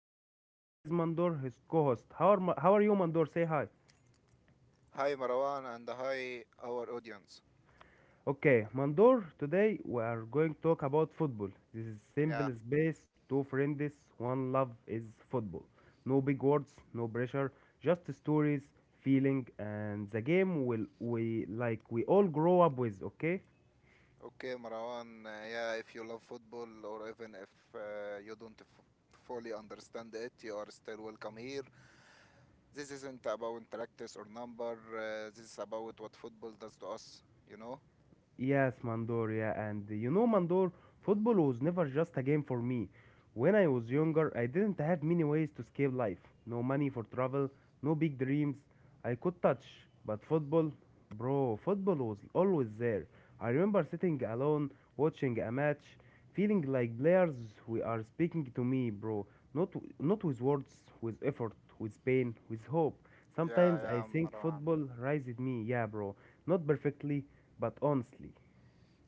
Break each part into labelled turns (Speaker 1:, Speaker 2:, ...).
Speaker 1: your host, and here is Mandor, his co host. How are you, Mandor? Say hi.
Speaker 2: Hi Marwan and hi our audience.
Speaker 1: Okay, Mandor, today we are going to talk about football. This is simple
Speaker 2: Yeah,
Speaker 1: space, two friends, one love is football. No big words, no pressure, just stories, feeling, and the game will we like we all grow up with, okay?
Speaker 2: okay Marwan. Yeah, if you love football or even if you don't fully understand it, you are still welcome here. This isn't about practice or number. This is about what football does to us. You know?
Speaker 1: Yes, Mandor, yeah, and you know, Mandor, football was never just a game for me. When I was younger, I didn't have many ways to escape life. No money for travel, no big dreams I could touch. But football, bro, football was always there. I remember sitting alone, watching a match, feeling like players we are speaking to me, bro. Not, Not with words, with effort, with pain, with hope.
Speaker 2: Yeah,
Speaker 1: Sometimes I
Speaker 2: yeah,
Speaker 1: think
Speaker 2: Marwan.
Speaker 1: football raised me, yeah, bro. Not perfectly, but honestly.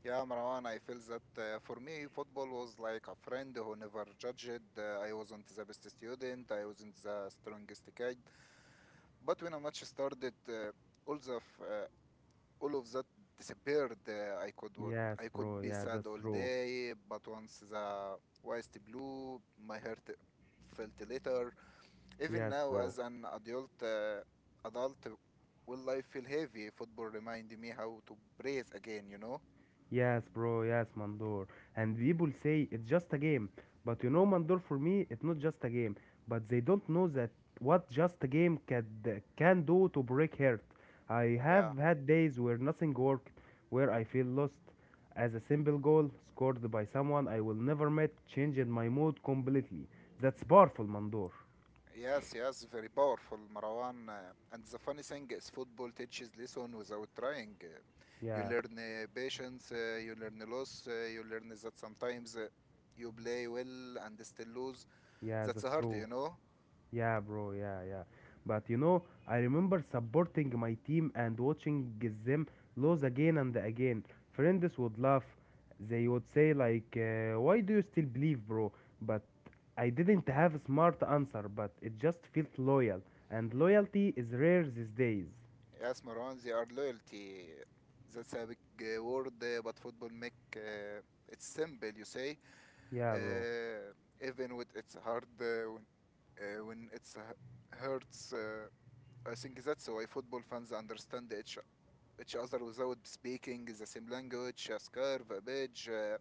Speaker 2: Yeah, Marwan, I feel that, for me, football was like a friend who never judged. I wasn't the best student, I wasn't the strongest kid. But when a match started, all the f- uh, all of that disappeared. I could what
Speaker 1: Yes,
Speaker 2: I could
Speaker 1: bro,
Speaker 2: be
Speaker 1: yeah,
Speaker 2: sad
Speaker 1: that's
Speaker 2: all
Speaker 1: true.
Speaker 2: day, but once the west blew, my heart felt lighter. Even
Speaker 1: Yes,
Speaker 2: now,
Speaker 1: bro.
Speaker 2: as an adult, will life feel heavy? Football remind me how to breathe again. You know.
Speaker 1: Yes, bro, yes, Mandor. And people say it's just a game. But you know, Mandor, for me, it's not just a game. But they don't know that what just can do to break heart. I have
Speaker 2: Yeah.
Speaker 1: had days where nothing worked, where I feel lost. As a simple goal scored by someone I will never met changed my mood completely. That's powerful, Mandor.
Speaker 2: Yes, yes, very powerful, Marwan. And the funny thing is, football teaches lesson without trying. You
Speaker 1: Yeah,
Speaker 2: learn patience, you learn loss, you learn that sometimes you play well and still lose.
Speaker 1: yeah,
Speaker 2: That's
Speaker 1: that's
Speaker 2: hard,
Speaker 1: true.
Speaker 2: you know.
Speaker 1: Yeah, bro. Yeah, yeah. But you know, I remember supporting my team and watching them lose again and again. Friends would laugh. They would say like, "Why do you still believe, bro?" But I didn't have a smart answer. But it just felt loyal, and loyalty is rare these days.
Speaker 2: Yes, Marwan, they are loyalty. That's a big word, but football make it's simple. You say,
Speaker 1: Yeah, bro.
Speaker 2: uh, even with it's hard when hurts. I think that's why football fans understand each other without speaking the same language, a scarf, a badge,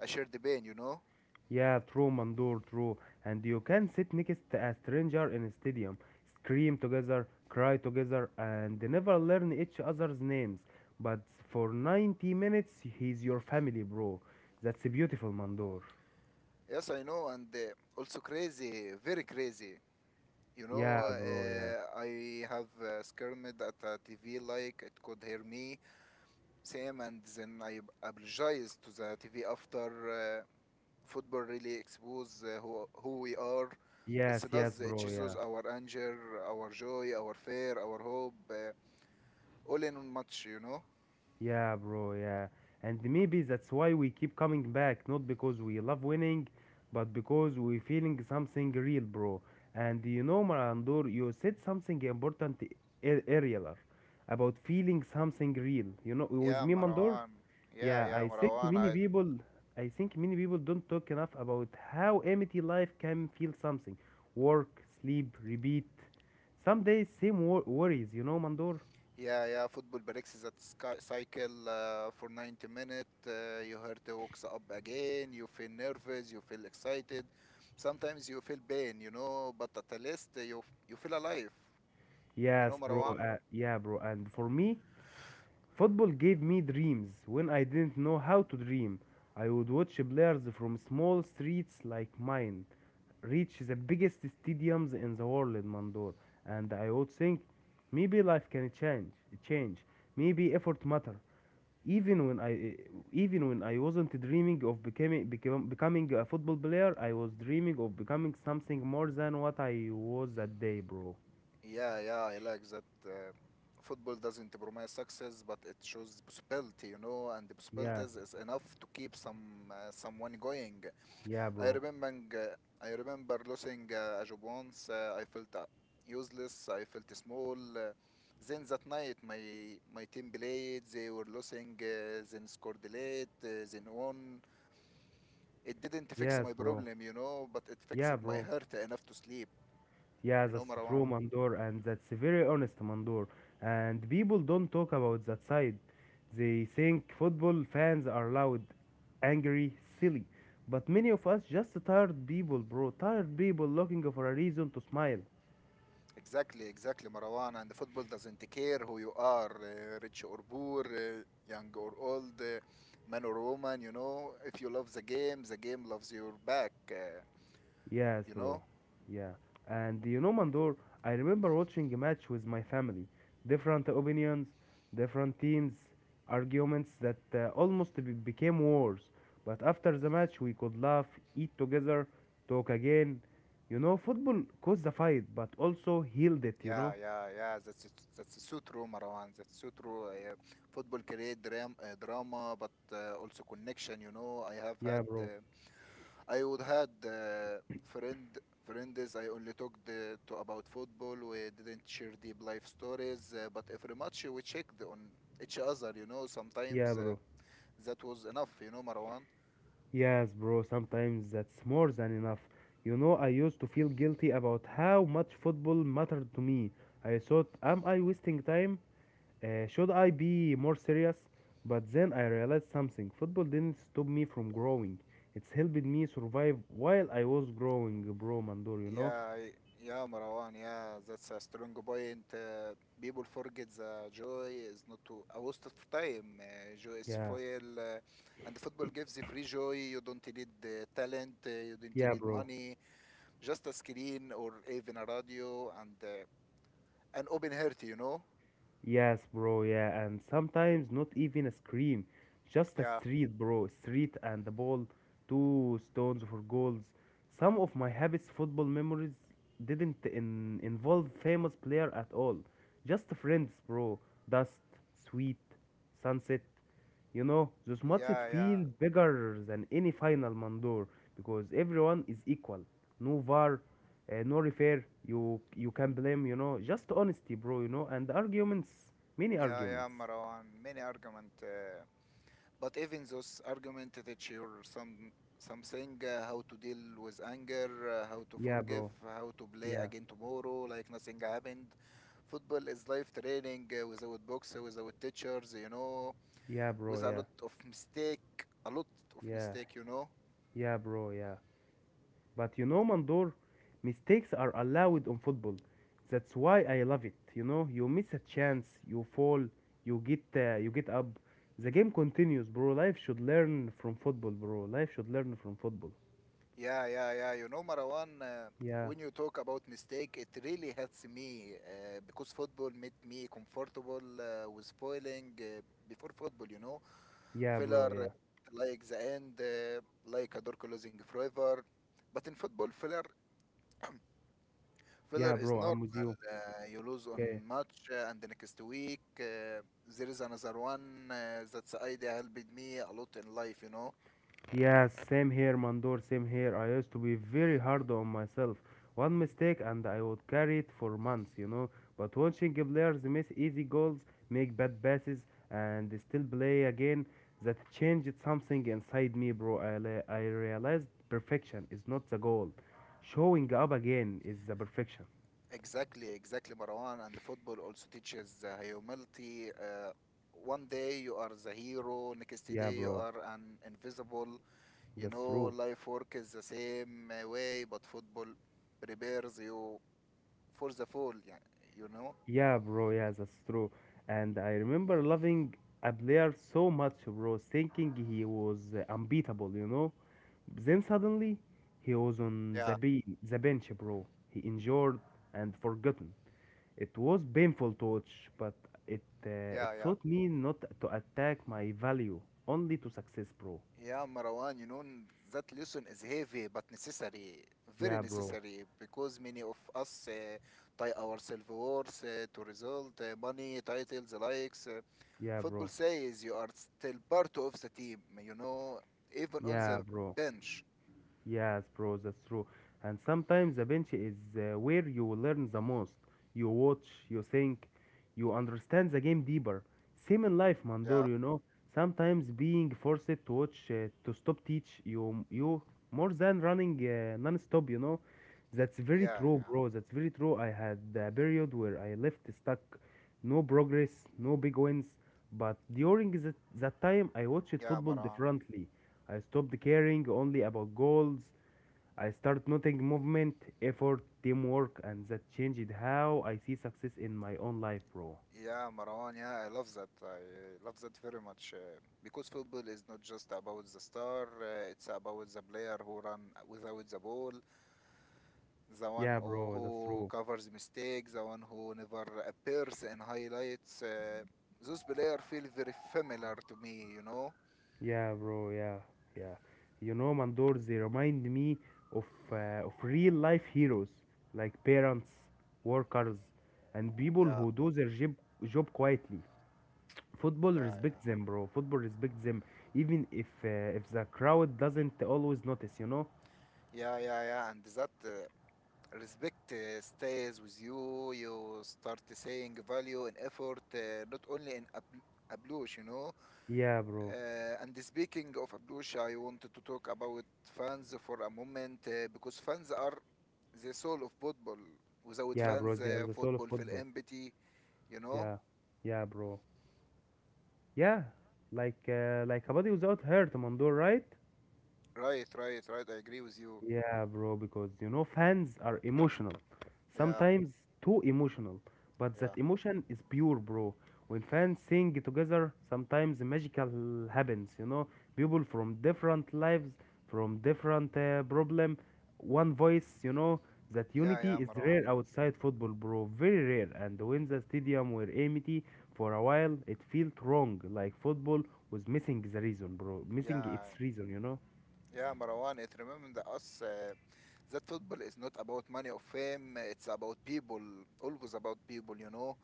Speaker 2: a shared pain, you know?
Speaker 1: Yeah, true, Mandur, true. And you can sit next to a stranger in a stadium, scream together, cry together, and never learn each other's names. But for 90 minutes, he's your family, bro. That's beautiful, Mandur.
Speaker 2: Yes, I know, and also crazy, very crazy. You know,
Speaker 1: Yeah, bro, yeah.
Speaker 2: I have skirmed at a TV like it could hear me, same, and then I apologized to the TV after. Football really expose who we are. It
Speaker 1: Yes, yes,
Speaker 2: does, it
Speaker 1: bro, yeah.
Speaker 2: shows our anger, our joy, our fear, our hope, all in one match, you know?
Speaker 1: Yeah, bro, yeah. And maybe that's why we keep coming back, not because we love winning, but because we're feeling something real, bro. And you know, Marandor, you said something earlier about feeling something real. You know, with
Speaker 2: Yeah,
Speaker 1: me, Mandor,
Speaker 2: Marwan. Yeah,
Speaker 1: yeah,
Speaker 2: yeah, Marwan. I,
Speaker 1: I think many people don't talk enough about how empty life can feel something. Work, sleep, repeat. Some days, same worries, you know, Mandor?
Speaker 2: yeah, yeah. Football breaks that sky, cycle, for 90 minutes. Your heart wakes up again. You feel nervous. You feel excited. Sometimes you feel pain, you know. But at least you feel alive. You know,
Speaker 1: Yes, bro.
Speaker 2: Marwan.
Speaker 1: Yeah, bro. And for me, football gave me dreams when I didn't know how to dream. I would watch players from small streets like mine reach the biggest stadiums in the world, Mandor, and I would think maybe life can change. Maybe effort matter. Even when I, even when I wasn't dreaming of becoming a football player, I was dreaming of becoming something more than what I was that day, bro.
Speaker 2: Yeah, yeah. I like that. Football doesn't promise success, but it shows possibility. You know, and the
Speaker 1: Yeah,
Speaker 2: possibilities is enough to keep someone going.
Speaker 1: yeah,
Speaker 2: I
Speaker 1: bro.
Speaker 2: remember I remember losing a job once. I felt useless. I felt small. Then that night, my team played. They were losing. Then scored late. Then won. It didn't fix
Speaker 1: Yes,
Speaker 2: my
Speaker 1: bro.
Speaker 2: problem, you know, but it
Speaker 1: Yeah,
Speaker 2: fixed my
Speaker 1: bro.
Speaker 2: heart enough to sleep.
Speaker 1: Yeah,
Speaker 2: You know,
Speaker 1: that's true,
Speaker 2: Marwan.
Speaker 1: Mandor, and that's very honest, Mandor. And people don't talk about that side. They think football fans are loud, angry, silly. But many of us just tired people, bro. Tired people looking for a reason to smile.
Speaker 2: Exactly, exactly, Marwan. And the football doesn't care who you are, rich or poor, young or old, man or woman. You know, if you love the game loves your back. Uh,
Speaker 1: Yes,
Speaker 2: You
Speaker 1: bro.
Speaker 2: know?
Speaker 1: Yeah. And you know, Mandor, I remember watching a match with my family. Different opinions, different teams, arguments that became wars. But after the match, we could laugh, eat together, talk again. You know, football caused the fight, but also healed it, you know?
Speaker 2: Yeah, yeah, yeah. That's so true, Marwan. That's so true. Football create dram drama, but also connection. You know, I have
Speaker 1: Yeah,
Speaker 2: had,
Speaker 1: bro.
Speaker 2: I would had friend friends. I only talked to about football. We didn't share deep life stories, but every match we checked on each other. You know,
Speaker 1: Yeah,
Speaker 2: sometimes
Speaker 1: bro.
Speaker 2: that was enough. You know, Marwan.
Speaker 1: Yes, bro, sometimes that's more than enough. You know, I used to feel guilty about how much football mattered to me. I thought, am I wasting time? Should I be more serious? But then I realized something. Football didn't stop me from growing. It's helped me survive while I was growing, bro, Mandor, you know?
Speaker 2: Yeah, y- yeah, Marwan. Yeah, that's a strong point. People forget the joy is not to, a waste of time. Joy is
Speaker 1: Yeah,
Speaker 2: foil, and football gives you free joy. You don't need the talent. You don't
Speaker 1: yeah,
Speaker 2: need
Speaker 1: bro.
Speaker 2: money. Just a screen or even a radio and an open heart. You know.
Speaker 1: Yes, bro, yeah, and sometimes not even a scream, just a
Speaker 2: Yeah,
Speaker 1: street, bro, street and the ball, two stones for goals. Some of my habits football memories didn't in- involve famous player at all, just friends, bro, dust, sweet, sunset. You know, those matches
Speaker 2: yeah, yeah,
Speaker 1: feel bigger than any final Mandor because everyone is equal. No VAR, no refer. You can blame, you know, just honesty, bro. You know, and arguments, many
Speaker 2: yeah, yeah,
Speaker 1: arguments.
Speaker 2: Marwan. Many argument. But even those arguments teach you something how to deal with anger, how to
Speaker 1: Yeah,
Speaker 2: forgive,
Speaker 1: bro.
Speaker 2: how to play
Speaker 1: Yeah,
Speaker 2: again tomorrow like nothing happened. Football is life training without books, without teachers, you know,
Speaker 1: yeah, bro.
Speaker 2: with a
Speaker 1: Yeah,
Speaker 2: lot of mistake, a lot of
Speaker 1: yeah,
Speaker 2: mistake, you know.
Speaker 1: yeah, bro. Yeah. But you know, Mandor, mistakes are allowed on football. That's why I love it. You know, you miss a chance, you fall, you get up. The game continues, bro. Life should learn from football, bro. Life should learn from football.
Speaker 2: Yeah, yeah, yeah. You know, Marwan,
Speaker 1: Yeah,
Speaker 2: when you talk about mistake, it really helps me because football made me comfortable with spoiling before football, you know.
Speaker 1: yeah, bro.
Speaker 2: Filler
Speaker 1: Yeah,
Speaker 2: like the end, like a door closing forever. But in football, filler
Speaker 1: yeah,
Speaker 2: filler is
Speaker 1: bro.
Speaker 2: normal.
Speaker 1: I'm with you.
Speaker 2: You lose on
Speaker 1: Okay.
Speaker 2: match, and the next week. There is another one that's the idea helped me a lot in life, you know.
Speaker 1: Yes, same here, Mandor, same here. I used to be very hard on myself. One mistake and I would carry it for months, you know. But watching players miss easy goals, make bad passes, and still play again, that changed something inside me, bro. I realized perfection is not the goal. Showing up again is the perfection.
Speaker 2: Exactly, exactly, Marwan. And the football also teaches humility. One day you are the hero, next
Speaker 1: Yeah,
Speaker 2: day you
Speaker 1: bro,
Speaker 2: are an invisible. You
Speaker 1: that's
Speaker 2: know,
Speaker 1: true.
Speaker 2: life work is the same way, but football prepares you for the fall. Yeah, you know.
Speaker 1: Yeah, bro, yeah, that's true. And I remember loving a player so much, bro, thinking he was unbeatable, you know? Then suddenly, he was
Speaker 2: Yeah,
Speaker 1: on the bench, bro. He injured and forgotten. It was painful to watch, but it, uh,
Speaker 2: yeah,
Speaker 1: it
Speaker 2: yeah.
Speaker 1: taught me not to attack my value, only to success, bro.
Speaker 2: Yeah, Marwan, you know, that lesson is heavy but necessary, very
Speaker 1: Yeah, bro.
Speaker 2: necessary, because many of us tie our self-worth to result, money, titles, likes.
Speaker 1: Yeah,
Speaker 2: Football
Speaker 1: bro.
Speaker 2: says you are still part of the team, you know, even on
Speaker 1: Yeah,
Speaker 2: the
Speaker 1: bro.
Speaker 2: bench.
Speaker 1: Yes, bro, that's true. And sometimes the bench is where you learn the most. You watch, you think, you understand the game deeper. Same in life, Mandor,
Speaker 2: Yeah,
Speaker 1: you know. Sometimes being forced to watch, to stop teach you, you more than running non-stop, you know. That's very
Speaker 2: yeah,
Speaker 1: true,
Speaker 2: yeah,
Speaker 1: bro. That's very true. I had a period where I left stuck. No progress, no big wins. But during that time, I watched
Speaker 2: yeah,
Speaker 1: football
Speaker 2: Maran.
Speaker 1: differently. I stopped caring only about goals. I started noting movement, effort, teamwork, and that changed how I see success in my own life, bro.
Speaker 2: Yeah, Maran. Yeah, I love that. I love that very much because football is not just about the star. It's about the player who run without the ball, the
Speaker 1: Yeah, bro, that's
Speaker 2: who
Speaker 1: true.
Speaker 2: covers mistakes, the one who never appears in highlights. Those players feel very familiar to me, you know.
Speaker 1: Yeah, bro, yeah, yeah. You know, Mandor, they remind me of, of real life heroes like parents, workers, and people
Speaker 2: Yeah,
Speaker 1: who do their job quietly. Football
Speaker 2: yeah, yeah.
Speaker 1: respects them, bro. Football respects them, even if the crowd doesn't always notice, you know.
Speaker 2: Yeah, yeah, yeah, and that respect stays with you. You start saying value and effort, not only in ablush, you know.
Speaker 1: Yeah, bro.
Speaker 2: And speaking of ablush, I wanted to talk about fans for a moment because fans are the soul of football. Without
Speaker 1: Yeah, bro,
Speaker 2: fans,
Speaker 1: they are the soul of
Speaker 2: football feel
Speaker 1: football.
Speaker 2: empty, you know.
Speaker 1: Yeah, yeah, bro. Yeah, like a body without heart, Mandur, right?
Speaker 2: Right, right, right. I agree with you.
Speaker 1: Yeah, bro, because you know, fans are emotional.
Speaker 2: Yeah,
Speaker 1: Sometimes too emotional. But
Speaker 2: yeah,
Speaker 1: that emotion is pure, bro. When fans sing together, sometimes magical happens, you know. People from different lives, from different problem, one voice, you know. That
Speaker 2: yeah,
Speaker 1: unity
Speaker 2: yeah,
Speaker 1: is rare
Speaker 2: Marwan.
Speaker 1: outside football, bro. Very rare. And when the stadium were empty for a while, it felt wrong. Like football was missing the reason, bro. Missing
Speaker 2: Yeah,
Speaker 1: its reason, you know.
Speaker 2: Yeah, Marwan, it remember the us that football is not about money or fame, it's about people, always about people, you know.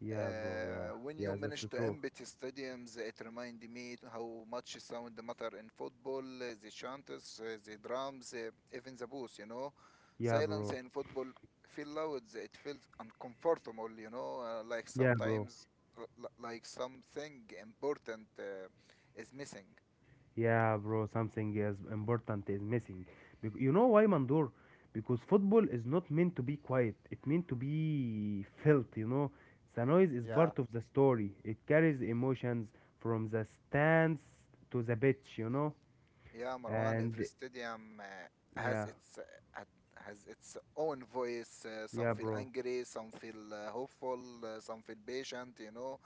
Speaker 1: Yeah, bro. Yeah,
Speaker 2: When you
Speaker 1: yeah, that's
Speaker 2: manage to
Speaker 1: true.
Speaker 2: empty stadiums, it remind me how much sound matter in football, the chants, the drums, even the booze, you know.
Speaker 1: Yeah,
Speaker 2: Silence
Speaker 1: bro.
Speaker 2: in football feel loud, it feels uncomfortable, you know, like
Speaker 1: Yeah, bro.
Speaker 2: sometimes, like something important is missing.
Speaker 1: Yeah, bro. Something is important is missing. You know why, Mandor? Because football is not meant to be quiet. It meant to be felt. You know, the noise is
Speaker 2: Yeah.
Speaker 1: part of the story. It carries emotions from the stands to the pitch. You know,
Speaker 2: Yeah, Marwan,
Speaker 1: and
Speaker 2: every stadium
Speaker 1: yeah,
Speaker 2: has its own voice. Some
Speaker 1: yeah,
Speaker 2: feel
Speaker 1: bro.
Speaker 2: angry, some feel hopeful, some feel patient. You know,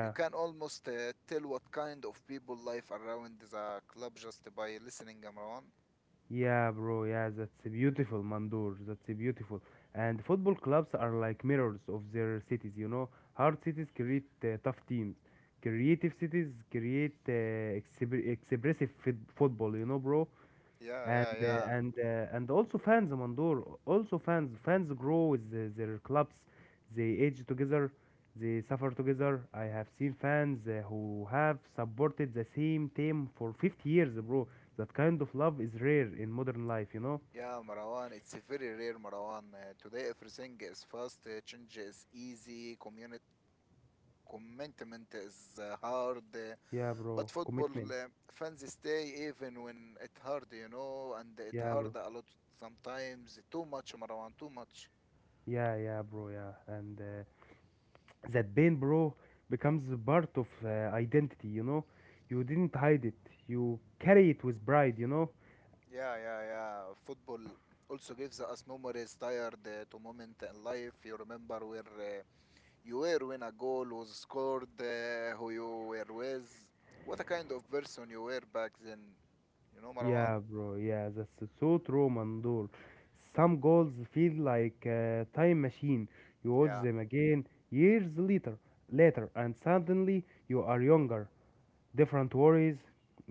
Speaker 2: you can almost tell what kind of people life around the club just by listening, Marwan.
Speaker 1: yeah, bro. Yeah, that's a beautiful, Mandur. That's a beautiful. And football clubs are like mirrors of their cities. You know, hard cities create tough teams. Creative cities create expressive football. You know, bro,
Speaker 2: Yeah,
Speaker 1: and
Speaker 2: yeah, yeah.
Speaker 1: uh, and uh, and also fans, Mandor, also fans grow with their clubs. They age together, they suffer together. I have seen fans who have supported the same team for 50 years, bro. That kind of love is rare in modern life, you know.
Speaker 2: Yeah, Marwan, it's a very rare Marwan. Today everything is fast, change is easy, commitment is hard. uh,
Speaker 1: Yeah, bro,
Speaker 2: But football
Speaker 1: commitment.
Speaker 2: fans stay even when it hard, you know, and it
Speaker 1: Yeah, bro,
Speaker 2: hard a lot sometimes. Too much, Marwan, too much.
Speaker 1: yeah, yeah, bro, yeah. And that pain, bro, becomes a part of identity, you know. You didn't hide it, you carry it with pride, you know.
Speaker 2: Yeah, yeah, yeah. Football also gives us memories tired to moment in life. You remember where uh, you were when a goal was scored, who you were with, what a kind of person you were back then. You know, Marwan?
Speaker 1: Yeah, bro. Yeah, that's so true, Mandor. Some goals feel like a time machine. You watch
Speaker 2: Yeah,
Speaker 1: them again years later, and suddenly you are younger, different worries,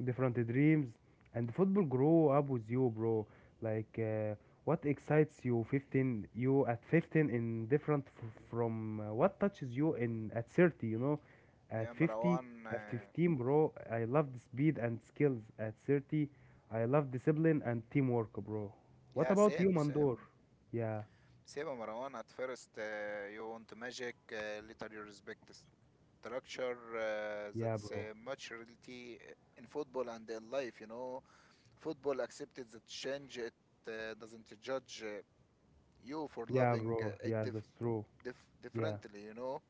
Speaker 1: different dreams, and football grow up with you, bro. Like what excites you at 15 in from what touches you in at 30, you know, at
Speaker 2: yeah,
Speaker 1: 50,
Speaker 2: Marwan.
Speaker 1: at 15, bro. I love the speed and skills. At 30, I love discipline and teamwork, bro. What
Speaker 2: Yeah,
Speaker 1: about you,
Speaker 2: same,
Speaker 1: Mandor?
Speaker 2: same.
Speaker 1: Yeah,
Speaker 2: Seba Marwan, at first you want magic, later you respect structure. Uh,
Speaker 1: yeah,
Speaker 2: that's
Speaker 1: bro.
Speaker 2: uh, much reality in football and in life, you know. Football accepted the change, it doesn't judge you for
Speaker 1: Yeah,
Speaker 2: loving
Speaker 1: bro.
Speaker 2: uh, it
Speaker 1: Yeah,
Speaker 2: dif-
Speaker 1: that's true.
Speaker 2: dif-
Speaker 1: Yeah.
Speaker 2: differently, you know.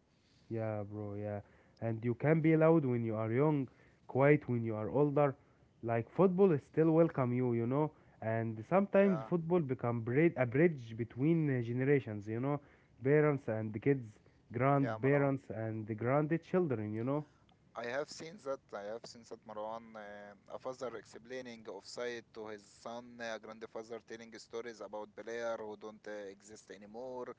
Speaker 1: Yeah, bro, yeah. And you can be loud when you are young, quiet when you are older. Like football is still welcome you, you know. And sometimes
Speaker 2: Yeah,
Speaker 1: football a bridge between generations, you know, parents and the kids,
Speaker 2: yeah, Marwan.
Speaker 1: grandparents and the grandchildren, you know.
Speaker 2: I have seen that. I have seen that Marwan, a father explaining offside to his son, a grandfather telling stories about player who don't exist anymore.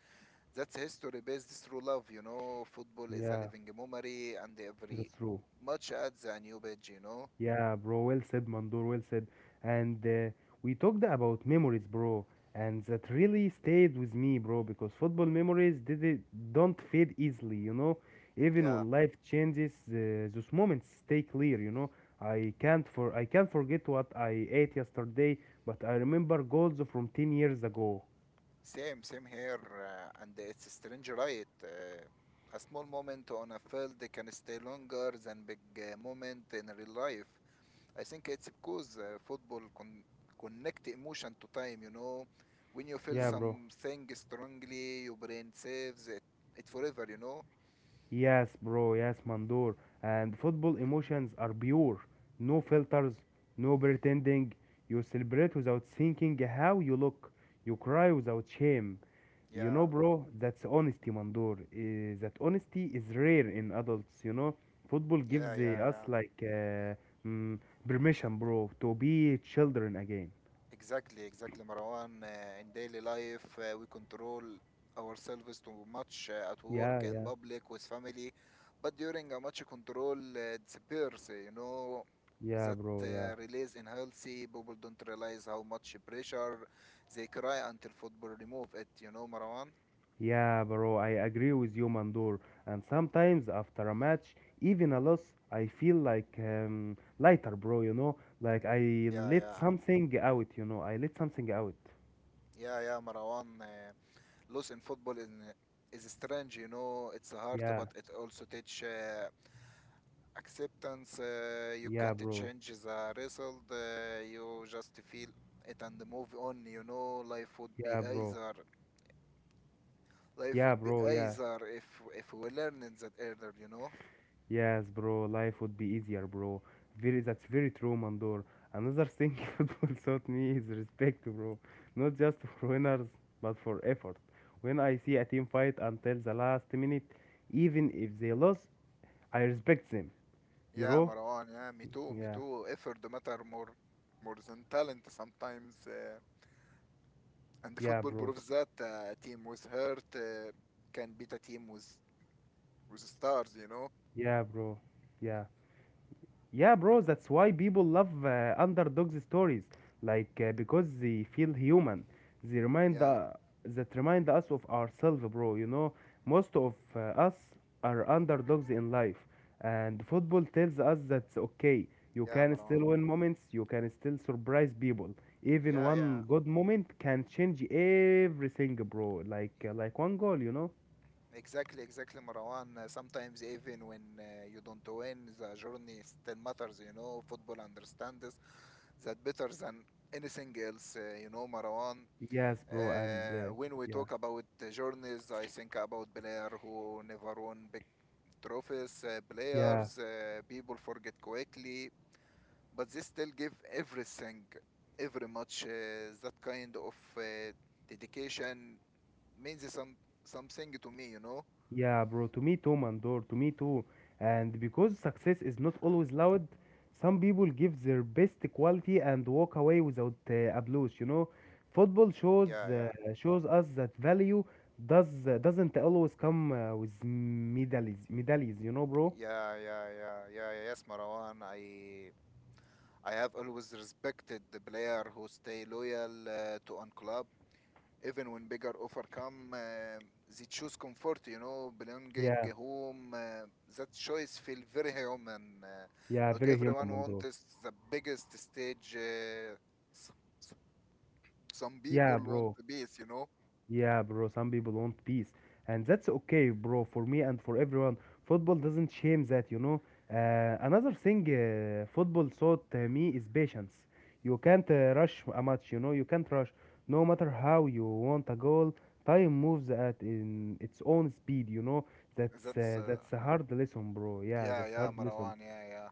Speaker 2: That's history based through love, you know. Football is a
Speaker 1: Yeah,
Speaker 2: living memory, and every
Speaker 1: that's true.
Speaker 2: match adds a new page, you know.
Speaker 1: Yeah, bro, well said, Mandor, well said. And we talked about memories, bro, and that really stayed with me, bro, because football memories did it, don't fade easily, you know. Even
Speaker 2: Yeah,
Speaker 1: when life changes, those moments stay clear, you know. I can't forget what I ate yesterday, but I remember goals from 10 years ago.
Speaker 2: Same, same here, and it's strange, right? A small moment on a field can stay longer than big moment in real life. I think it's because football connect emotion to time, you know. When you feel
Speaker 1: Yeah, bro.
Speaker 2: something strongly, your brain saves it, it forever, you know.
Speaker 1: Yes, bro. Yes, Mandor. And football emotions are pure. No filters, no pretending. You celebrate without thinking how you look. You cry without shame. You know,
Speaker 2: Yeah,
Speaker 1: bro, that's honesty, Mandor. That honesty is rare in adults, you know. Football
Speaker 2: yeah,
Speaker 1: gives
Speaker 2: yeah,
Speaker 1: us
Speaker 2: yeah.
Speaker 1: mm, permission, bro, to be children again.
Speaker 2: Exactly, exactly, Marwan. In daily life, we control ourselves too much at
Speaker 1: Yeah,
Speaker 2: work and public with family, but during a much control disappears. You know that
Speaker 1: yeah.
Speaker 2: release in healthy people don't realize how much pressure they cry until football remove it. You know, Marwan.
Speaker 1: Yeah, bro, I agree with you, Mandor. And sometimes after a match, even a loss, I feel lighter, bro, you know? Like I
Speaker 2: Yeah,
Speaker 1: let
Speaker 2: yeah,
Speaker 1: something out, I let something out.
Speaker 2: yeah, yeah, Marwan. Loss in football is strange. You know, it's hard,
Speaker 1: Yeah,
Speaker 2: but it also teach acceptance. You
Speaker 1: yeah,
Speaker 2: can't
Speaker 1: bro.
Speaker 2: change the result. You just feel it and move on. You know, life would be
Speaker 1: Yeah, bro.
Speaker 2: easier. Life
Speaker 1: Yeah,
Speaker 2: would be
Speaker 1: bro. Yeah.
Speaker 2: easier if we learn it that earlier. You know.
Speaker 1: Yes, bro. Life would be easier, bro. That's very true, Mandor. Another thing football taught me is respect, bro. Not just for winners, but for effort. When I see a team fight until the last minute, even if they lose, I respect him, you
Speaker 2: Yeah,
Speaker 1: know?
Speaker 2: Marwan. Yeah, me too. Me
Speaker 1: Yeah,
Speaker 2: too. Effort matter more than talent sometimes. And the
Speaker 1: yeah,
Speaker 2: football
Speaker 1: bro.
Speaker 2: proves that a team with heart can beat a team with stars. You know.
Speaker 1: Yeah, bro. Yeah. Yeah, bro, that's why people love underdog stories. Because they feel human. They remind
Speaker 2: Yeah,
Speaker 1: That remind us of ourselves, bro. You know, most of us are underdogs in life. And football tells us that's okay. You
Speaker 2: yeah,
Speaker 1: can still
Speaker 2: Marwan.
Speaker 1: win moments, you can still surprise people. Even
Speaker 2: Yeah, yeah.
Speaker 1: one good moment can change everything, bro. Like one goal, you know?
Speaker 2: Exactly, exactly, Marwan. Sometimes even when you don't win, the journey still matters, you know. Football understands that better than anything else, you know, Marwan.
Speaker 1: Yes, bro, and
Speaker 2: When we
Speaker 1: yeah,
Speaker 2: talk about journeys, I think about players who never won big trophies,
Speaker 1: yeah,
Speaker 2: players, people forget quickly, but they still give everything, every match, that kind of dedication means something to me, you know?
Speaker 1: yeah, bro. To me too, Mandor. To me too. And because success is not always loud, some people give their best quality and walk away without applause. You know, football shows
Speaker 2: Yeah, yeah.
Speaker 1: shows us that value doesn't always come with medals. You know, bro.
Speaker 2: Yeah, yeah, yeah, yeah, yeah. Yes, Marwan. I have always respected the player who stay loyal to one club, even when bigger offer come. They choose comfort, you know, belonging
Speaker 1: Yeah,
Speaker 2: home. That choice feel very human.
Speaker 1: yeah,
Speaker 2: Not
Speaker 1: very human,
Speaker 2: everyone
Speaker 1: Mandor.
Speaker 2: wants the biggest stage. S- s- some people
Speaker 1: Yeah,
Speaker 2: want
Speaker 1: bro.
Speaker 2: peace, you know.
Speaker 1: Yeah, bro, some people want peace. And that's okay, bro, for me and for everyone. Football doesn't shame that, you know. Another thing football taught me is patience. You can't rush a match, you know, you can't rush. No matter how you want a goal, time moves at in its own speed, you know.
Speaker 2: That's
Speaker 1: That's a hard lesson, bro. Yeah,
Speaker 2: Yeah,
Speaker 1: that's a
Speaker 2: yeah,
Speaker 1: hard lesson.
Speaker 2: Marwan. Yeah, yeah.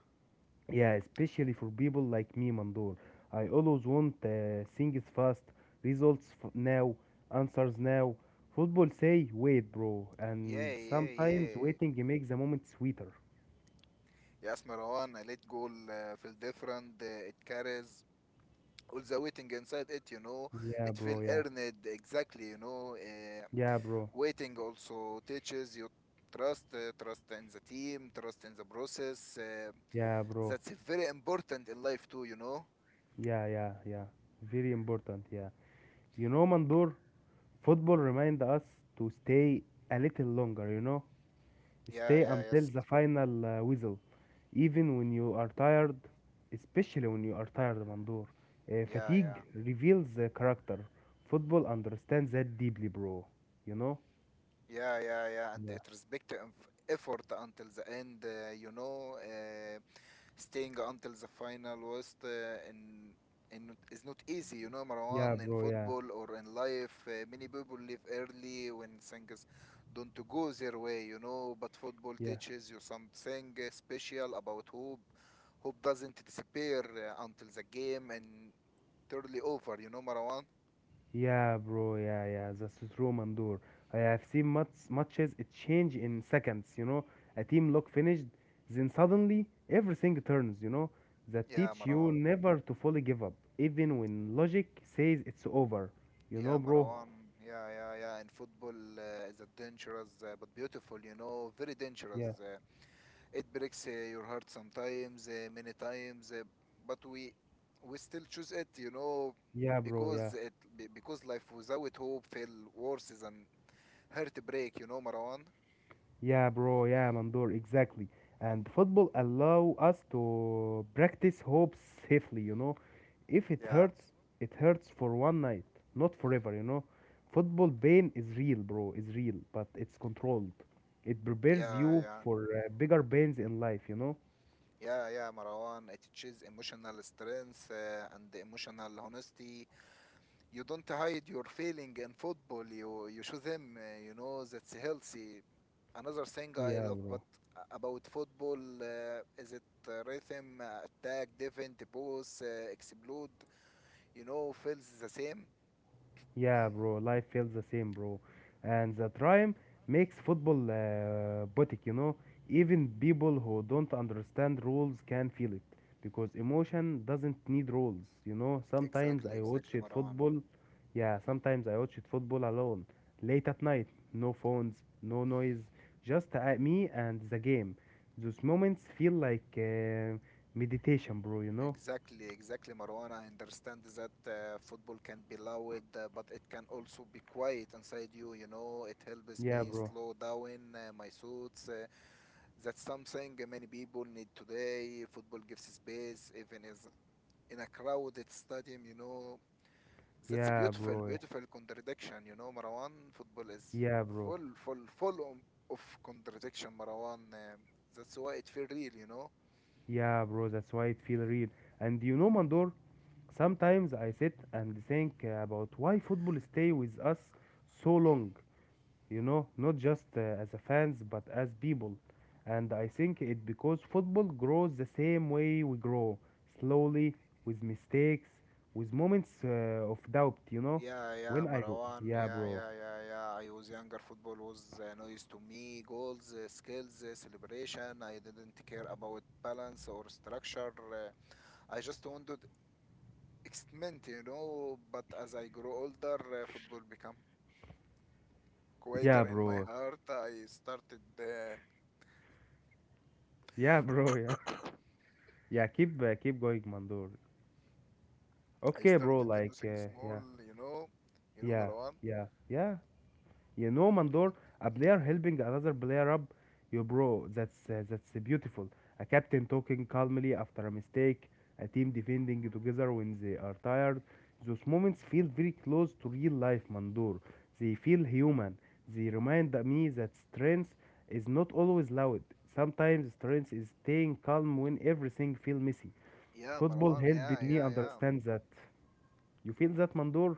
Speaker 1: Yeah, especially for people like me, Mandor. I always want things fast, now, answers now. Football say wait, bro,
Speaker 2: Yeah,
Speaker 1: and
Speaker 2: yeah,
Speaker 1: sometimes
Speaker 2: yeah.
Speaker 1: waiting makes the moment sweeter.
Speaker 2: Yes, Marwan, I let go feel different. It carries all the waiting inside it, you know.
Speaker 1: Yeah,
Speaker 2: It feel
Speaker 1: bro, yeah.
Speaker 2: earned, exactly, you know.
Speaker 1: Yeah, bro.
Speaker 2: Waiting also teaches you trust, trust in the team, trust in the process.
Speaker 1: Yeah, bro.
Speaker 2: That's very important in life too, you know.
Speaker 1: Yeah, yeah, yeah. Very important, yeah. You know, Mandor, football remind us to stay a little longer, you know?
Speaker 2: Yeah,
Speaker 1: Stay
Speaker 2: yeah,
Speaker 1: until
Speaker 2: yes.
Speaker 1: the final whistle, even when you are tired, especially when you are tired, Mandor.
Speaker 2: Yeah, yeah,
Speaker 1: Fatigue reveals the character. Football understands that deeply, bro. You know?
Speaker 2: yeah, yeah, yeah, and
Speaker 1: Yeah.
Speaker 2: it respect the effort until the end, you know. Staying until the final was in in is not easy, you know,
Speaker 1: Yeah,
Speaker 2: Marwan. In
Speaker 1: bro, yeah,
Speaker 2: football or in life, many people leave early when things don't go their way, you know. But football
Speaker 1: yeah.
Speaker 2: teaches you something special about hope. Hope doesn't disappear until the game and totally over, you know, Marwan.
Speaker 1: Yeah, bro. Yeah, yeah. That's true, Mandur. I have seen much, matches it change in seconds. You know, a team look finished, then suddenly everything turns. You know, that
Speaker 2: Yeah,
Speaker 1: teach you
Speaker 2: Marwan.
Speaker 1: never to fully give up, even when logic says it's over. You
Speaker 2: Yeah,
Speaker 1: know, bro.
Speaker 2: Marwan. Yeah, yeah, yeah. In football, it's a dangerous but beautiful, you know, very dangerous.
Speaker 1: Yeah,
Speaker 2: It breaks your heart sometimes, many times, but we still choose it, you know,
Speaker 1: yeah, bro. Yeah,
Speaker 2: because because life without hope feel worse than heartbreak, you know, Marwan.
Speaker 1: yeah, bro. Yeah, Mandur. Exactly. And football allow us to practice hope safely. You know, if it
Speaker 2: Yeah,
Speaker 1: hurts, it hurts for one night, not forever, you know. Football pain is real, bro, is real, but it's controlled. It prepares
Speaker 2: yeah,
Speaker 1: you
Speaker 2: yeah.
Speaker 1: for bigger pains in life, you know.
Speaker 2: Yeah, yeah, Marwan. It teaches emotional strength and emotional honesty. You don't hide your feeling in football, you show them, you know, that's healthy. Another thing I
Speaker 1: Yeah,
Speaker 2: love,
Speaker 1: bro.
Speaker 2: but about football, is it rhythm, attack defense, both explode, you know, feels the same.
Speaker 1: Yeah, bro, life feels the same, bro. And the rhyme makes football boutique, you know. Even people who don't understand rules can feel it because emotion doesn't need rules, you know. Sometimes
Speaker 2: exactly
Speaker 1: I watch
Speaker 2: exactly
Speaker 1: it
Speaker 2: marwan
Speaker 1: football, yeah, sometimes I watch it football alone, late at night, no phones, no noise, just me and the game. Those moments feel like meditation, bro, you know.
Speaker 2: Exactly, exactly, Marwan, I understand that football can be loud but it can also be quiet inside you, you know. It helps
Speaker 1: Yeah,
Speaker 2: me
Speaker 1: bro.
Speaker 2: slow down my thoughts. That's something many people need today. Football gives space, even is in a crowded stadium, you know. That's a
Speaker 1: Yeah,
Speaker 2: beautiful,
Speaker 1: bro.
Speaker 2: beautiful contradiction, you know, Marwan. Football is
Speaker 1: Yeah, bro.
Speaker 2: full of contradiction, Marwan. That's why it feel real, you know.
Speaker 1: Yeah, bro, that's why it feels real. And you know, Mandor, sometimes I sit and think about why football stay with us so long. You know, not just as a fans, but as people. And I think it because football grows the same way we grow, slowly, with mistakes, with moments of doubt. You know,
Speaker 2: Yeah, yeah,
Speaker 1: when I,
Speaker 2: Marwan.
Speaker 1: yeah,
Speaker 2: Yeah,
Speaker 1: bro,
Speaker 2: yeah, yeah, yeah. I was younger. Football was noise to me. Goals, skills, celebration. I didn't care about balance or structure. I just wanted extent, you know. But as I grow older, football become
Speaker 1: yeah,
Speaker 2: quieter in my
Speaker 1: bro,
Speaker 2: heart.
Speaker 1: yeah, bro, yeah, yeah. Keep keep going, Mandor.
Speaker 2: I
Speaker 1: Okay, bro.
Speaker 2: started nothing small,
Speaker 1: Yeah,
Speaker 2: you know, you know,
Speaker 1: yeah,
Speaker 2: Marwan.
Speaker 1: yeah, yeah. You know, Mandor, a player helping another player up. Yo, bro, that's beautiful. A captain talking calmly after a mistake. A team defending together when they are tired. Those moments feel very close to real life, Mandor. They feel human. They remind me that strength is not always loud. Sometimes strength is staying calm when everything feels messy.
Speaker 2: Yeah,
Speaker 1: Football
Speaker 2: Marwan.
Speaker 1: helped
Speaker 2: Yeah,
Speaker 1: me
Speaker 2: yeah, yeah.
Speaker 1: understand that. You feel that, Mandor?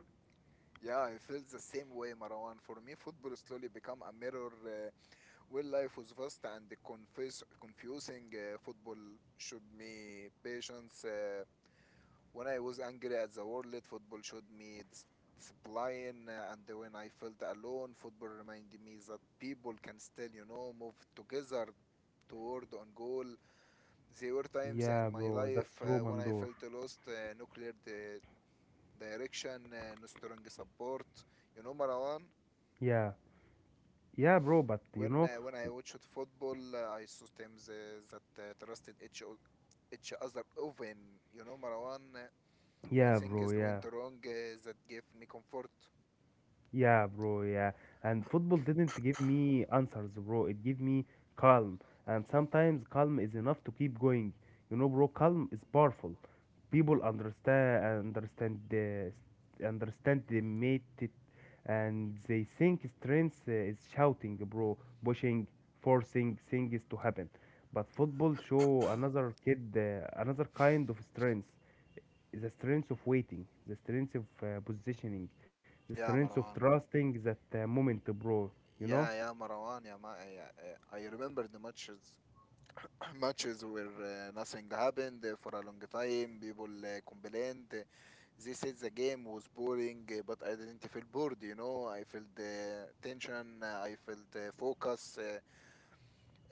Speaker 2: Yeah, I feel the same way, Marwan. For me, football slowly become a mirror. Where life was vast and confusing. Football showed me patience. When I was angry at the world, football showed me discipline, and when I felt alone, football reminded me that people can still, you know, move together toward on goal. There were times in
Speaker 1: Yeah,
Speaker 2: my
Speaker 1: bro, that's
Speaker 2: life
Speaker 1: true,
Speaker 2: when I
Speaker 1: Mandor.
Speaker 2: felt lost, no clear direction, no strong support. You know, Marwan,
Speaker 1: Yeah. Yeah, bro, but you know,
Speaker 2: when I watched football, I saw teams that trusted each other often. You know, Marwan, when
Speaker 1: yeah, bro,
Speaker 2: things
Speaker 1: yeah,
Speaker 2: went wrong, that gave me comfort.
Speaker 1: yeah, bro, yeah. And football didn't give me answers, bro. It gave me calm. And sometimes calm is enough to keep going. You know, bro, calm is powerful. People understand, understand the mate it, and they think strength is shouting, bro, pushing, forcing things to happen. But football show another kid, another kind of strength. The strength of waiting, the strength of positioning, the
Speaker 2: Yeah,
Speaker 1: strength of
Speaker 2: Marwan.
Speaker 1: trusting that moment, bro. You
Speaker 2: Yeah,
Speaker 1: know?
Speaker 2: yeah, Marwan. Yeah, yeah. I remember the matches. Matches where nothing happened for a long time. People complained. They said the game was boring, but I didn't feel bored. You know, I felt tension. I felt focus. uh,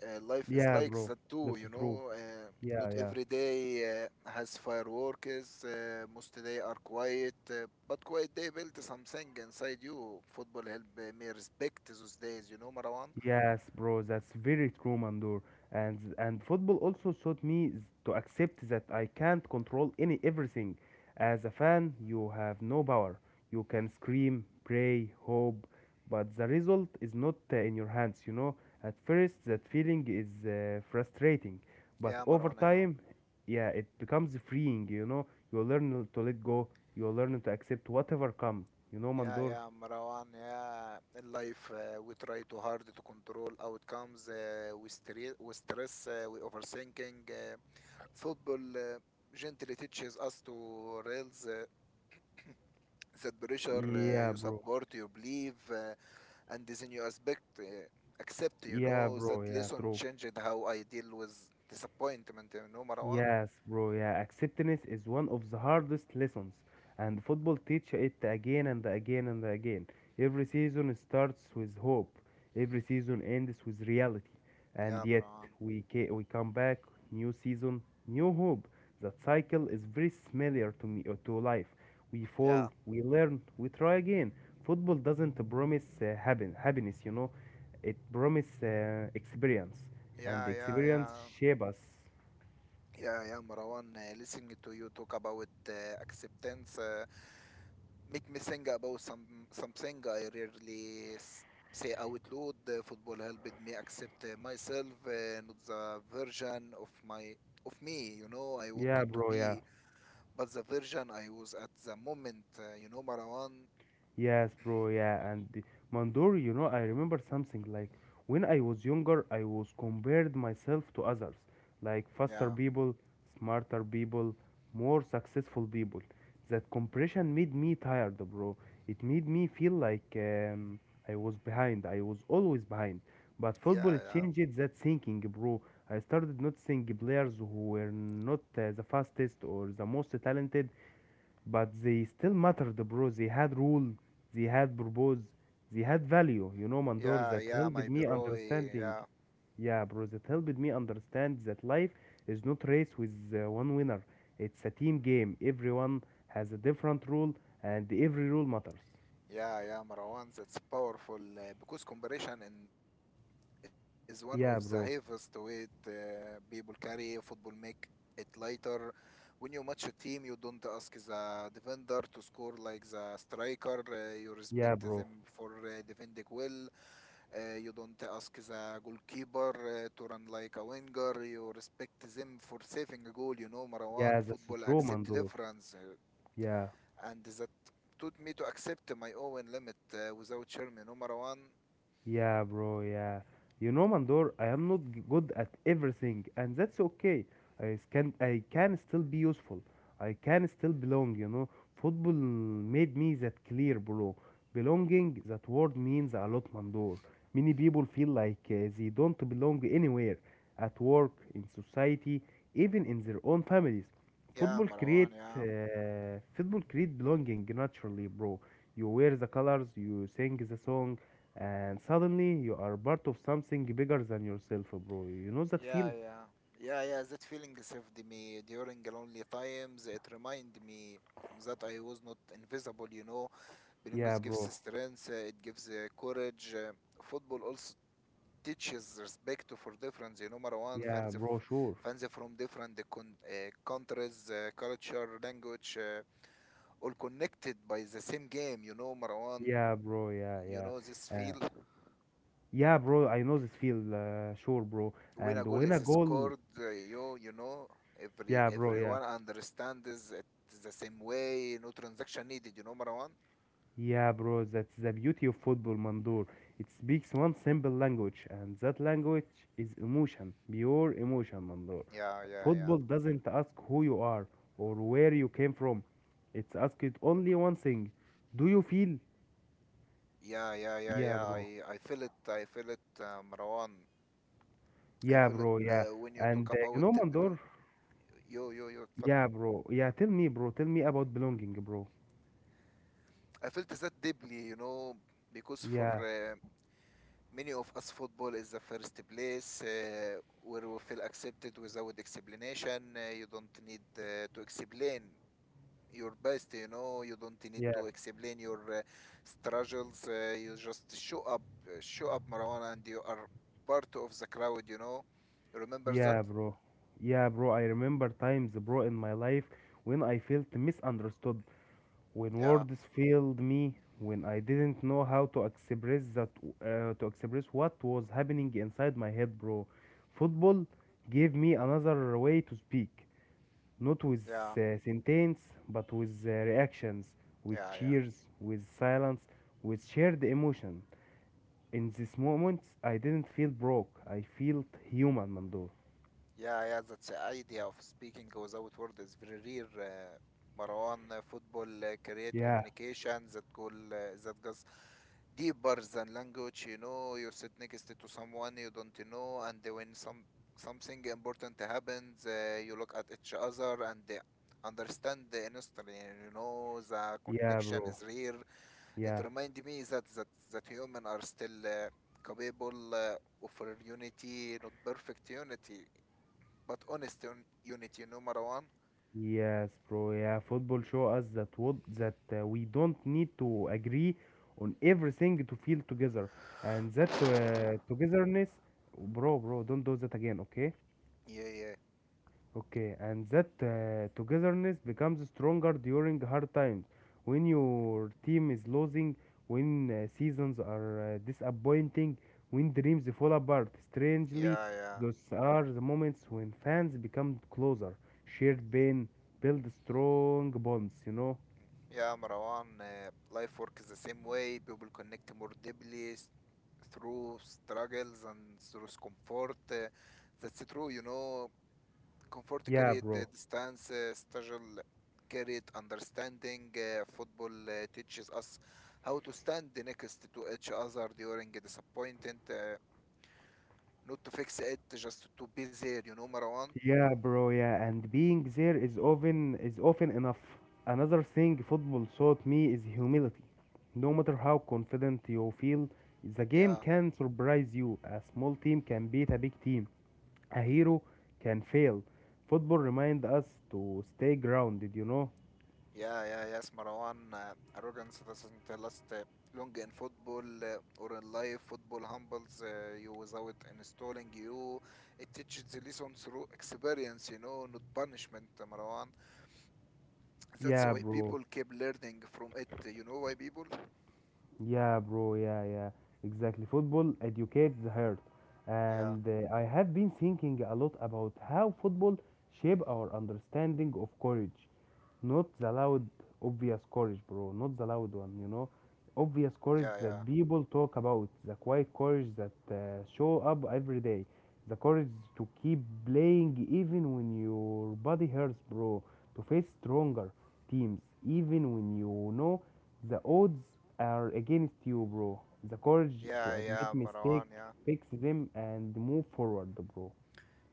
Speaker 2: Uh, Life is
Speaker 1: Yeah,
Speaker 2: like
Speaker 1: bro.
Speaker 2: that too,
Speaker 1: That's
Speaker 2: you
Speaker 1: true.
Speaker 2: know.
Speaker 1: Yeah,
Speaker 2: Not
Speaker 1: yeah.
Speaker 2: every day has fireworks. Most day are quiet, but quiet day built something inside you. Football help me respect those days, you know, Marwan.
Speaker 1: Yes, bro, that's very true, Mandur. And football also taught me to accept that I can't control any everything. As a fan, you have no power. You can scream, pray, hope, but the result is not in your hands, you know. At first, that feeling is frustrating, but
Speaker 2: Yeah,
Speaker 1: over
Speaker 2: Marwan, I know.
Speaker 1: time, yeah, it becomes freeing, you know. You learn to let go, you learn to accept whatever comes, you know,
Speaker 2: Yeah,
Speaker 1: Mandur.
Speaker 2: yeah, Marwan. Yeah, in life we try too hard to control outcomes. We, we stress. We overthinking. Football gently teaches us to rails. That pressure,
Speaker 1: Yeah,
Speaker 2: you
Speaker 1: bro.
Speaker 2: support, you believe, and then you expect, accept, you
Speaker 1: Yeah,
Speaker 2: know, that
Speaker 1: bro. Yeah,
Speaker 2: lesson
Speaker 1: true.
Speaker 2: changed how I deal with disappointment, you know, Marwan.
Speaker 1: Yes, bro, yeah, acceptance is one of the hardest lessons, and football teach it again and again and again. Every season starts with hope, every season ends with reality,
Speaker 2: Yeah,
Speaker 1: and yet
Speaker 2: Marwan.
Speaker 1: we come back, new season, new hope. That cycle is very similar to life. We
Speaker 2: Yeah,
Speaker 1: fall, we learn, we try again. Football doesn't promise happiness, you know, it promises experience, and
Speaker 2: yeah,
Speaker 1: the
Speaker 2: yeah,
Speaker 1: experience
Speaker 2: yeah,
Speaker 1: shape us.
Speaker 2: yeah, yeah, Marwan. Listening to you talk about acceptance make me think about something I rarely say out loud. Football helped me accept myself, not the version of my of me, you know, I
Speaker 1: Yeah,
Speaker 2: wanted to
Speaker 1: bro,
Speaker 2: be.
Speaker 1: yeah.
Speaker 2: But the version I was at the moment, you know, Marwan,
Speaker 1: Yes, bro, yeah. Mandori, you know, I remember something like when I was younger, I was compared myself to others, like faster
Speaker 2: yeah,
Speaker 1: people, smarter people, more successful people. That compression made me tired, bro. It made me feel like I was behind. I was always behind. But football
Speaker 2: yeah,
Speaker 1: it
Speaker 2: yeah,
Speaker 1: changed that thinking, bro. I started noticing players who were not the fastest or the most talented but they still mattered, bro. They had rule, they had purpose, they had value. You know, Mandor,
Speaker 2: yeah,
Speaker 1: that
Speaker 2: yeah,
Speaker 1: helped
Speaker 2: my
Speaker 1: me
Speaker 2: bro,
Speaker 1: understanding.
Speaker 2: yeah,
Speaker 1: Yeah, bro, that helped me understand that life is not race with one winner. It's a team game. Everyone has a different rule, and every rule matters.
Speaker 2: yeah, yeah, Marwan, that's powerful because comparison and is one of the heaviest
Speaker 1: Yeah,
Speaker 2: weight
Speaker 1: bro.
Speaker 2: people carry. Football make it lighter. When you match a team, you don't ask the defender to score like the striker. You respect
Speaker 1: Yeah, bro.
Speaker 2: them for defending well. You don't ask the goalkeeper to run like a winger. You respect them for saving a goal. You know,
Speaker 1: Yeah,
Speaker 2: Marwan,
Speaker 1: that's
Speaker 2: football
Speaker 1: true,
Speaker 2: accept
Speaker 1: Mandor.
Speaker 2: difference,
Speaker 1: Yeah.
Speaker 2: and that taught me to accept my own limit without shame. You know, Marwan.
Speaker 1: Yeah, bro, yeah. You know, Mandor, I am not good at everything, and that's okay. I can still be useful. I can still belong, you know. Football made me that clear, bro. Belonging, that word means a lot, Mandor. Many people feel like they don't belong anywhere, at work, in society, even in their own families.
Speaker 2: Yeah, Marwan. Yeah,
Speaker 1: Football create belonging naturally, bro. You wear the colors, you sing the song, and suddenly you are part of something bigger than yourself, bro. You know that
Speaker 2: yeah,
Speaker 1: feel?
Speaker 2: yeah, yeah, yeah. That feeling saved me during lonely times. It reminded me that I was not invisible. You know,
Speaker 1: Yeah,
Speaker 2: belongings gives
Speaker 1: bro.
Speaker 2: strength. It gives courage. Football also teaches respect for difference. You know, Marwan,
Speaker 1: Yeah, bro, sure.
Speaker 2: fans from different countries, culture, language, all connected by the same game. You know, Marwan.
Speaker 1: Yeah, bro, yeah,
Speaker 2: You
Speaker 1: yeah.
Speaker 2: know this
Speaker 1: Uh,
Speaker 2: feel
Speaker 1: yeah, bro, I know this feel, sure, bro.
Speaker 2: when a
Speaker 1: And
Speaker 2: goal
Speaker 1: when
Speaker 2: is
Speaker 1: a goal,
Speaker 2: scored. You know
Speaker 1: yeah, bro, yeah.
Speaker 2: everyone understands it the same way. No transaction needed. You know, Marwan.
Speaker 1: Yeah, bro, that's the beauty of football, Mandur. It speaks one simple language, and that language is emotion, pure emotion, Mandur.
Speaker 2: Yeah, yeah, yeah.
Speaker 1: Football doesn't ask who you are or where you came from. It's asked only one thing. Do you feel?
Speaker 2: Yeah, yeah, yeah,
Speaker 1: Yeah,
Speaker 2: yeah.
Speaker 1: bro.
Speaker 2: I feel it. I feel it, Marwan. I
Speaker 1: Yeah,
Speaker 2: feel it
Speaker 1: bro. Yeah.
Speaker 2: when you talk
Speaker 1: And you
Speaker 2: about
Speaker 1: know,
Speaker 2: the belong.
Speaker 1: Mandor.
Speaker 2: Yo, yo, yo.
Speaker 1: Yeah, bro. Yeah, tell me, bro. Tell me about belonging, bro.
Speaker 2: I felt that deeply, you know, because for
Speaker 1: Yeah,
Speaker 2: many of us, football is the first place where we feel accepted without explanation. You don't need to explain your best, you know, you don't need
Speaker 1: yeah,
Speaker 2: to explain your struggles. You just show up, Marwan, and you are part of the crowd, you know. You remember that?
Speaker 1: yeah, bro. Yeah, bro. I remember times, bro, in my life when I felt misunderstood, when
Speaker 2: Yeah,
Speaker 1: words failed me, when I didn't know how to express that, to express what was happening inside my head, bro. Football gave me another way to speak. Not with
Speaker 2: yeah,
Speaker 1: sentence, but with reactions, with
Speaker 2: yeah, yeah.
Speaker 1: cheers, with silence, with shared emotion. In this moment, I didn't feel broke. I felt human, Mando.
Speaker 2: Yeah, yeah, that's the idea of speaking without word is very rare. Marwan, football create
Speaker 1: Yeah,
Speaker 2: communication that goal that goes deeper than language. You know, you sit next to someone you don't know, and when something important happens, you look at each other and understand the instantly. You know, the
Speaker 1: yeah,
Speaker 2: connection
Speaker 1: bro.
Speaker 2: is rare. It
Speaker 1: Yeah,
Speaker 2: reminds me that that human are still capable of unity, not perfect unity. But honest unit, you know, Marwan?
Speaker 1: yes, bro. Yeah, football show us that what that we don't need to agree on everything to feel together, and that togetherness, bro, bro. Don't do that again, okay?
Speaker 2: Yeah, yeah,
Speaker 1: Okay, and that togetherness becomes stronger during hard times when your team is losing, when seasons are disappointing, when dreams fall apart. Strangely,
Speaker 2: yeah, yeah.
Speaker 1: those are the moments when fans become closer, shared pain, build strong bonds, you know?
Speaker 2: Yeah, Marwan, life works the same way. People connect more deeply through struggles and through comfort. That's true, you know. Comfort
Speaker 1: Yeah,
Speaker 2: carried the
Speaker 1: bro.
Speaker 2: distance, struggle carried understanding. Football teaches us how to stand next to each other during a disappointment, not to fix it, just to be there, you know, Marwan?
Speaker 1: Yeah, bro, yeah, and being there is often enough. Another thing football taught me is humility. No matter how confident you feel, the game
Speaker 2: Yeah.
Speaker 1: can surprise you. A small team can beat a big team. A hero can fail. Football reminds us to stay grounded, you know?
Speaker 2: Yeah, yeah, yes, Marwan. Arrogance doesn't last long in football or in life. Football humbles you without installing you. It teaches the lesson through experience, you know, not punishment, Marwan. That's
Speaker 1: Yeah,
Speaker 2: why
Speaker 1: bro.
Speaker 2: people keep learning from it. You know why people?
Speaker 1: Yeah, bro. Yeah, yeah. Exactly. Football educates the heart.
Speaker 2: Yeah,
Speaker 1: And I have been thinking a lot about how football shape our understanding of courage. Not the loud obvious courage bro, not the loud one, you know, obvious
Speaker 2: yeah,
Speaker 1: courage
Speaker 2: yeah.
Speaker 1: that people talk about, the quiet courage that show up every day, the courage to keep playing even when your body hurts bro, to face stronger teams even when you know the odds are against you bro, the courage to admit mistake,
Speaker 2: Yeah.
Speaker 1: fix them and move forward bro,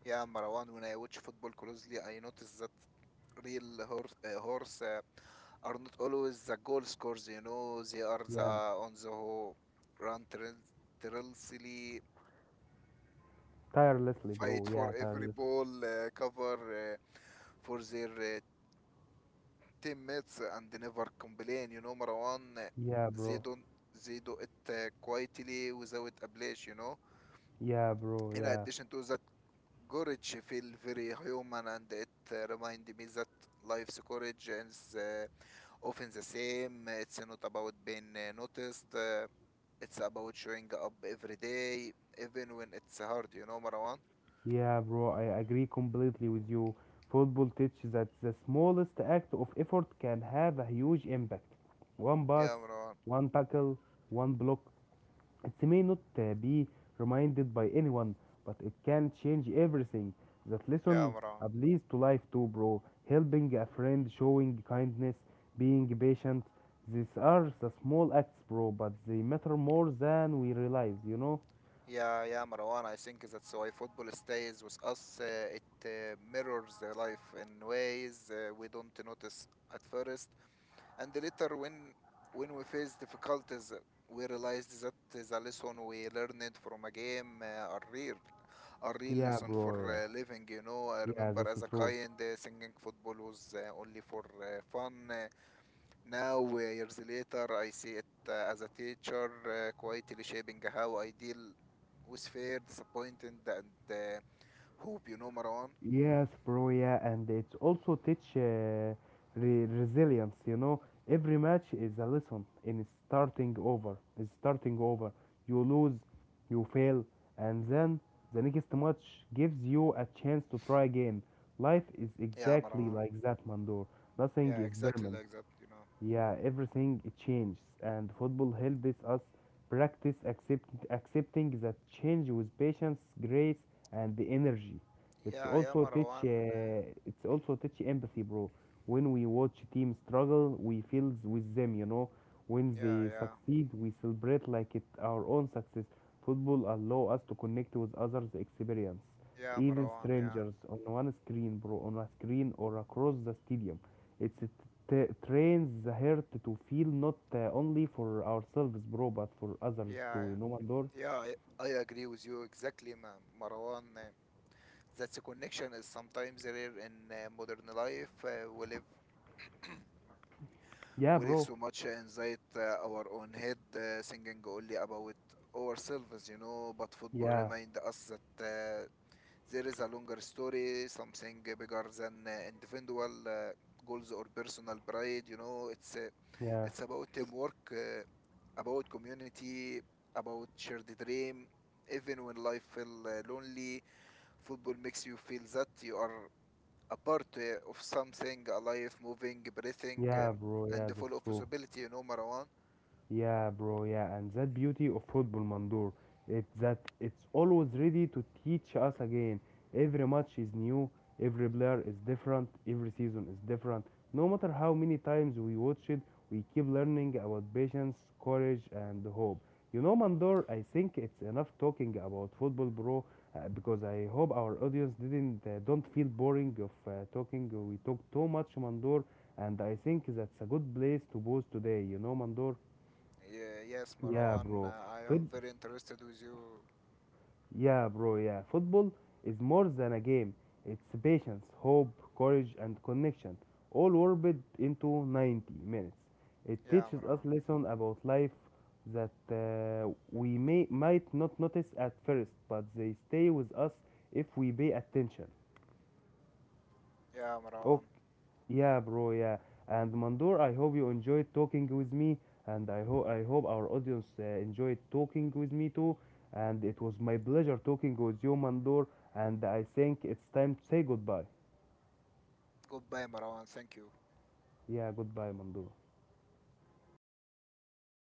Speaker 2: Yeah, Marwan, when I watch football closely, I notice that real horse, are not always the goal scorers, you know, they are the
Speaker 1: yeah,
Speaker 2: on the whole run tirelessly,
Speaker 1: tirelessly
Speaker 2: fight
Speaker 1: bro, yeah,
Speaker 2: for every
Speaker 1: tirelessly,
Speaker 2: ball, cover for their teammates, and they never complain, you know, Marwan.
Speaker 1: yeah
Speaker 2: They
Speaker 1: bro,
Speaker 2: don't they do it quietly without a blush, you know.
Speaker 1: yeah bro,
Speaker 2: In
Speaker 1: yeah.
Speaker 2: addition to that, courage feel very human and it remind me that life's courage is often the same. It's not about being noticed. It's about showing up every day, even when it's hard. You know, Marwan?
Speaker 1: Yeah, bro, I agree completely with you. Football teaches that the smallest act of effort can have a huge impact. One pass,
Speaker 2: Yeah, Marwan.
Speaker 1: one tackle, one block. It may not be reminded by anyone, but it can change everything. That
Speaker 2: Yeah,
Speaker 1: lesson
Speaker 2: Marwan.
Speaker 1: applies to life too, bro. Helping a friend, showing kindness, being patient. These are the small acts, bro, but they matter more than we realize, you know?
Speaker 2: Yeah, yeah, Marwan. I think that's why football stays with us. It mirrors the life in ways we don't notice at first. And later, when we face difficulties, we realized that the lesson we learned from a game are real, a real
Speaker 1: Yeah,
Speaker 2: lesson for
Speaker 1: bro, yeah.
Speaker 2: living. You know, I
Speaker 1: Yeah,
Speaker 2: remember
Speaker 1: that's
Speaker 2: as a
Speaker 1: true.
Speaker 2: kind, singing football was only for fun. Now, years later, I see it as a teacher, quietly shaping how I deal with fear, disappointment, and hope. You know, Marwan.
Speaker 1: Yes, bro, yeah, and it's also teach resilience, you know. Every match is a lesson in starting over. You lose, you fail, and then the next match gives you a chance to try again. Life is
Speaker 2: Yeah,
Speaker 1: exactly
Speaker 2: Marwan.
Speaker 1: like that, Mandor. Nothing
Speaker 2: Yeah,
Speaker 1: is
Speaker 2: exactly
Speaker 1: permanent.
Speaker 2: like that. You know.
Speaker 1: Yeah, everything changes, and football helps us practice accept, accepting that change with patience, grace, and the energy.
Speaker 2: Yeah, yeah, Marwan.
Speaker 1: It's also teach empathy, bro. When we watch team struggle, we feel with them. You know, when
Speaker 2: Yeah,
Speaker 1: they
Speaker 2: yeah.
Speaker 1: succeed, we celebrate like it our own success. Football allow us to connect with others' experience,
Speaker 2: Yeah,
Speaker 1: even
Speaker 2: Marwan. Yeah,
Speaker 1: strangers, on one screen, bro, on a screen or across the stadium. It's trains the heart to feel not only for ourselves, bro, but for others
Speaker 2: yeah,
Speaker 1: too. You know, Mandor?
Speaker 2: yeah. I agree with you exactly, Marwan. That the connection is sometimes rare in modern life. We live
Speaker 1: Yeah, bro.
Speaker 2: so much inside our own head, thinking only about ourselves, you know. But football
Speaker 1: Yeah,
Speaker 2: remind us that. There is a longer story, something bigger than individual goals or personal pride. You know,
Speaker 1: yeah,
Speaker 2: it's about teamwork, about community, about shared dream. Even when life feel lonely, football makes you feel that you are a part of something alive, moving, breathing,
Speaker 1: yeah, bro.
Speaker 2: and
Speaker 1: Yeah, that's
Speaker 2: full of
Speaker 1: true.
Speaker 2: possibility. You know, Marwan.
Speaker 1: Yeah, bro, yeah, and that beauty of football, Mandor, it's that it's always ready to teach us again. Every match is new, every player is different, every season is different. No matter how many times we watch it, we keep learning about patience, courage, and hope. You know, Mandor. I think it's enough talking about football, bro, because I hope our audience didn't don't feel boring of talking. We talk too much, Mandor, and I think that's a good place to pause today. You know, Mandor.
Speaker 2: Yeah, yes,
Speaker 1: Yeah,
Speaker 2: Marwan.
Speaker 1: bro.
Speaker 2: I am
Speaker 1: Foot
Speaker 2: very interested with you.
Speaker 1: yeah, bro. Yeah, football is more than a game. It's patience, hope, courage, and connection, all warped into 90 minutes. It
Speaker 2: Yeah,
Speaker 1: teaches us
Speaker 2: Marwan.
Speaker 1: lessons about life that we may might not notice at first, but they stay with us if we pay attention.
Speaker 2: Yeah, Marwan.
Speaker 1: Ok, yeah, bro, yeah. And Mandor, I hope you enjoyed talking with me, and I hope our audience enjoyed talking with me too. And it was my pleasure talking with you, Mandor, and I think it's time to say goodbye.
Speaker 2: Goodbye, Marwan. Thank you.
Speaker 1: Yeah, goodbye, Mandor.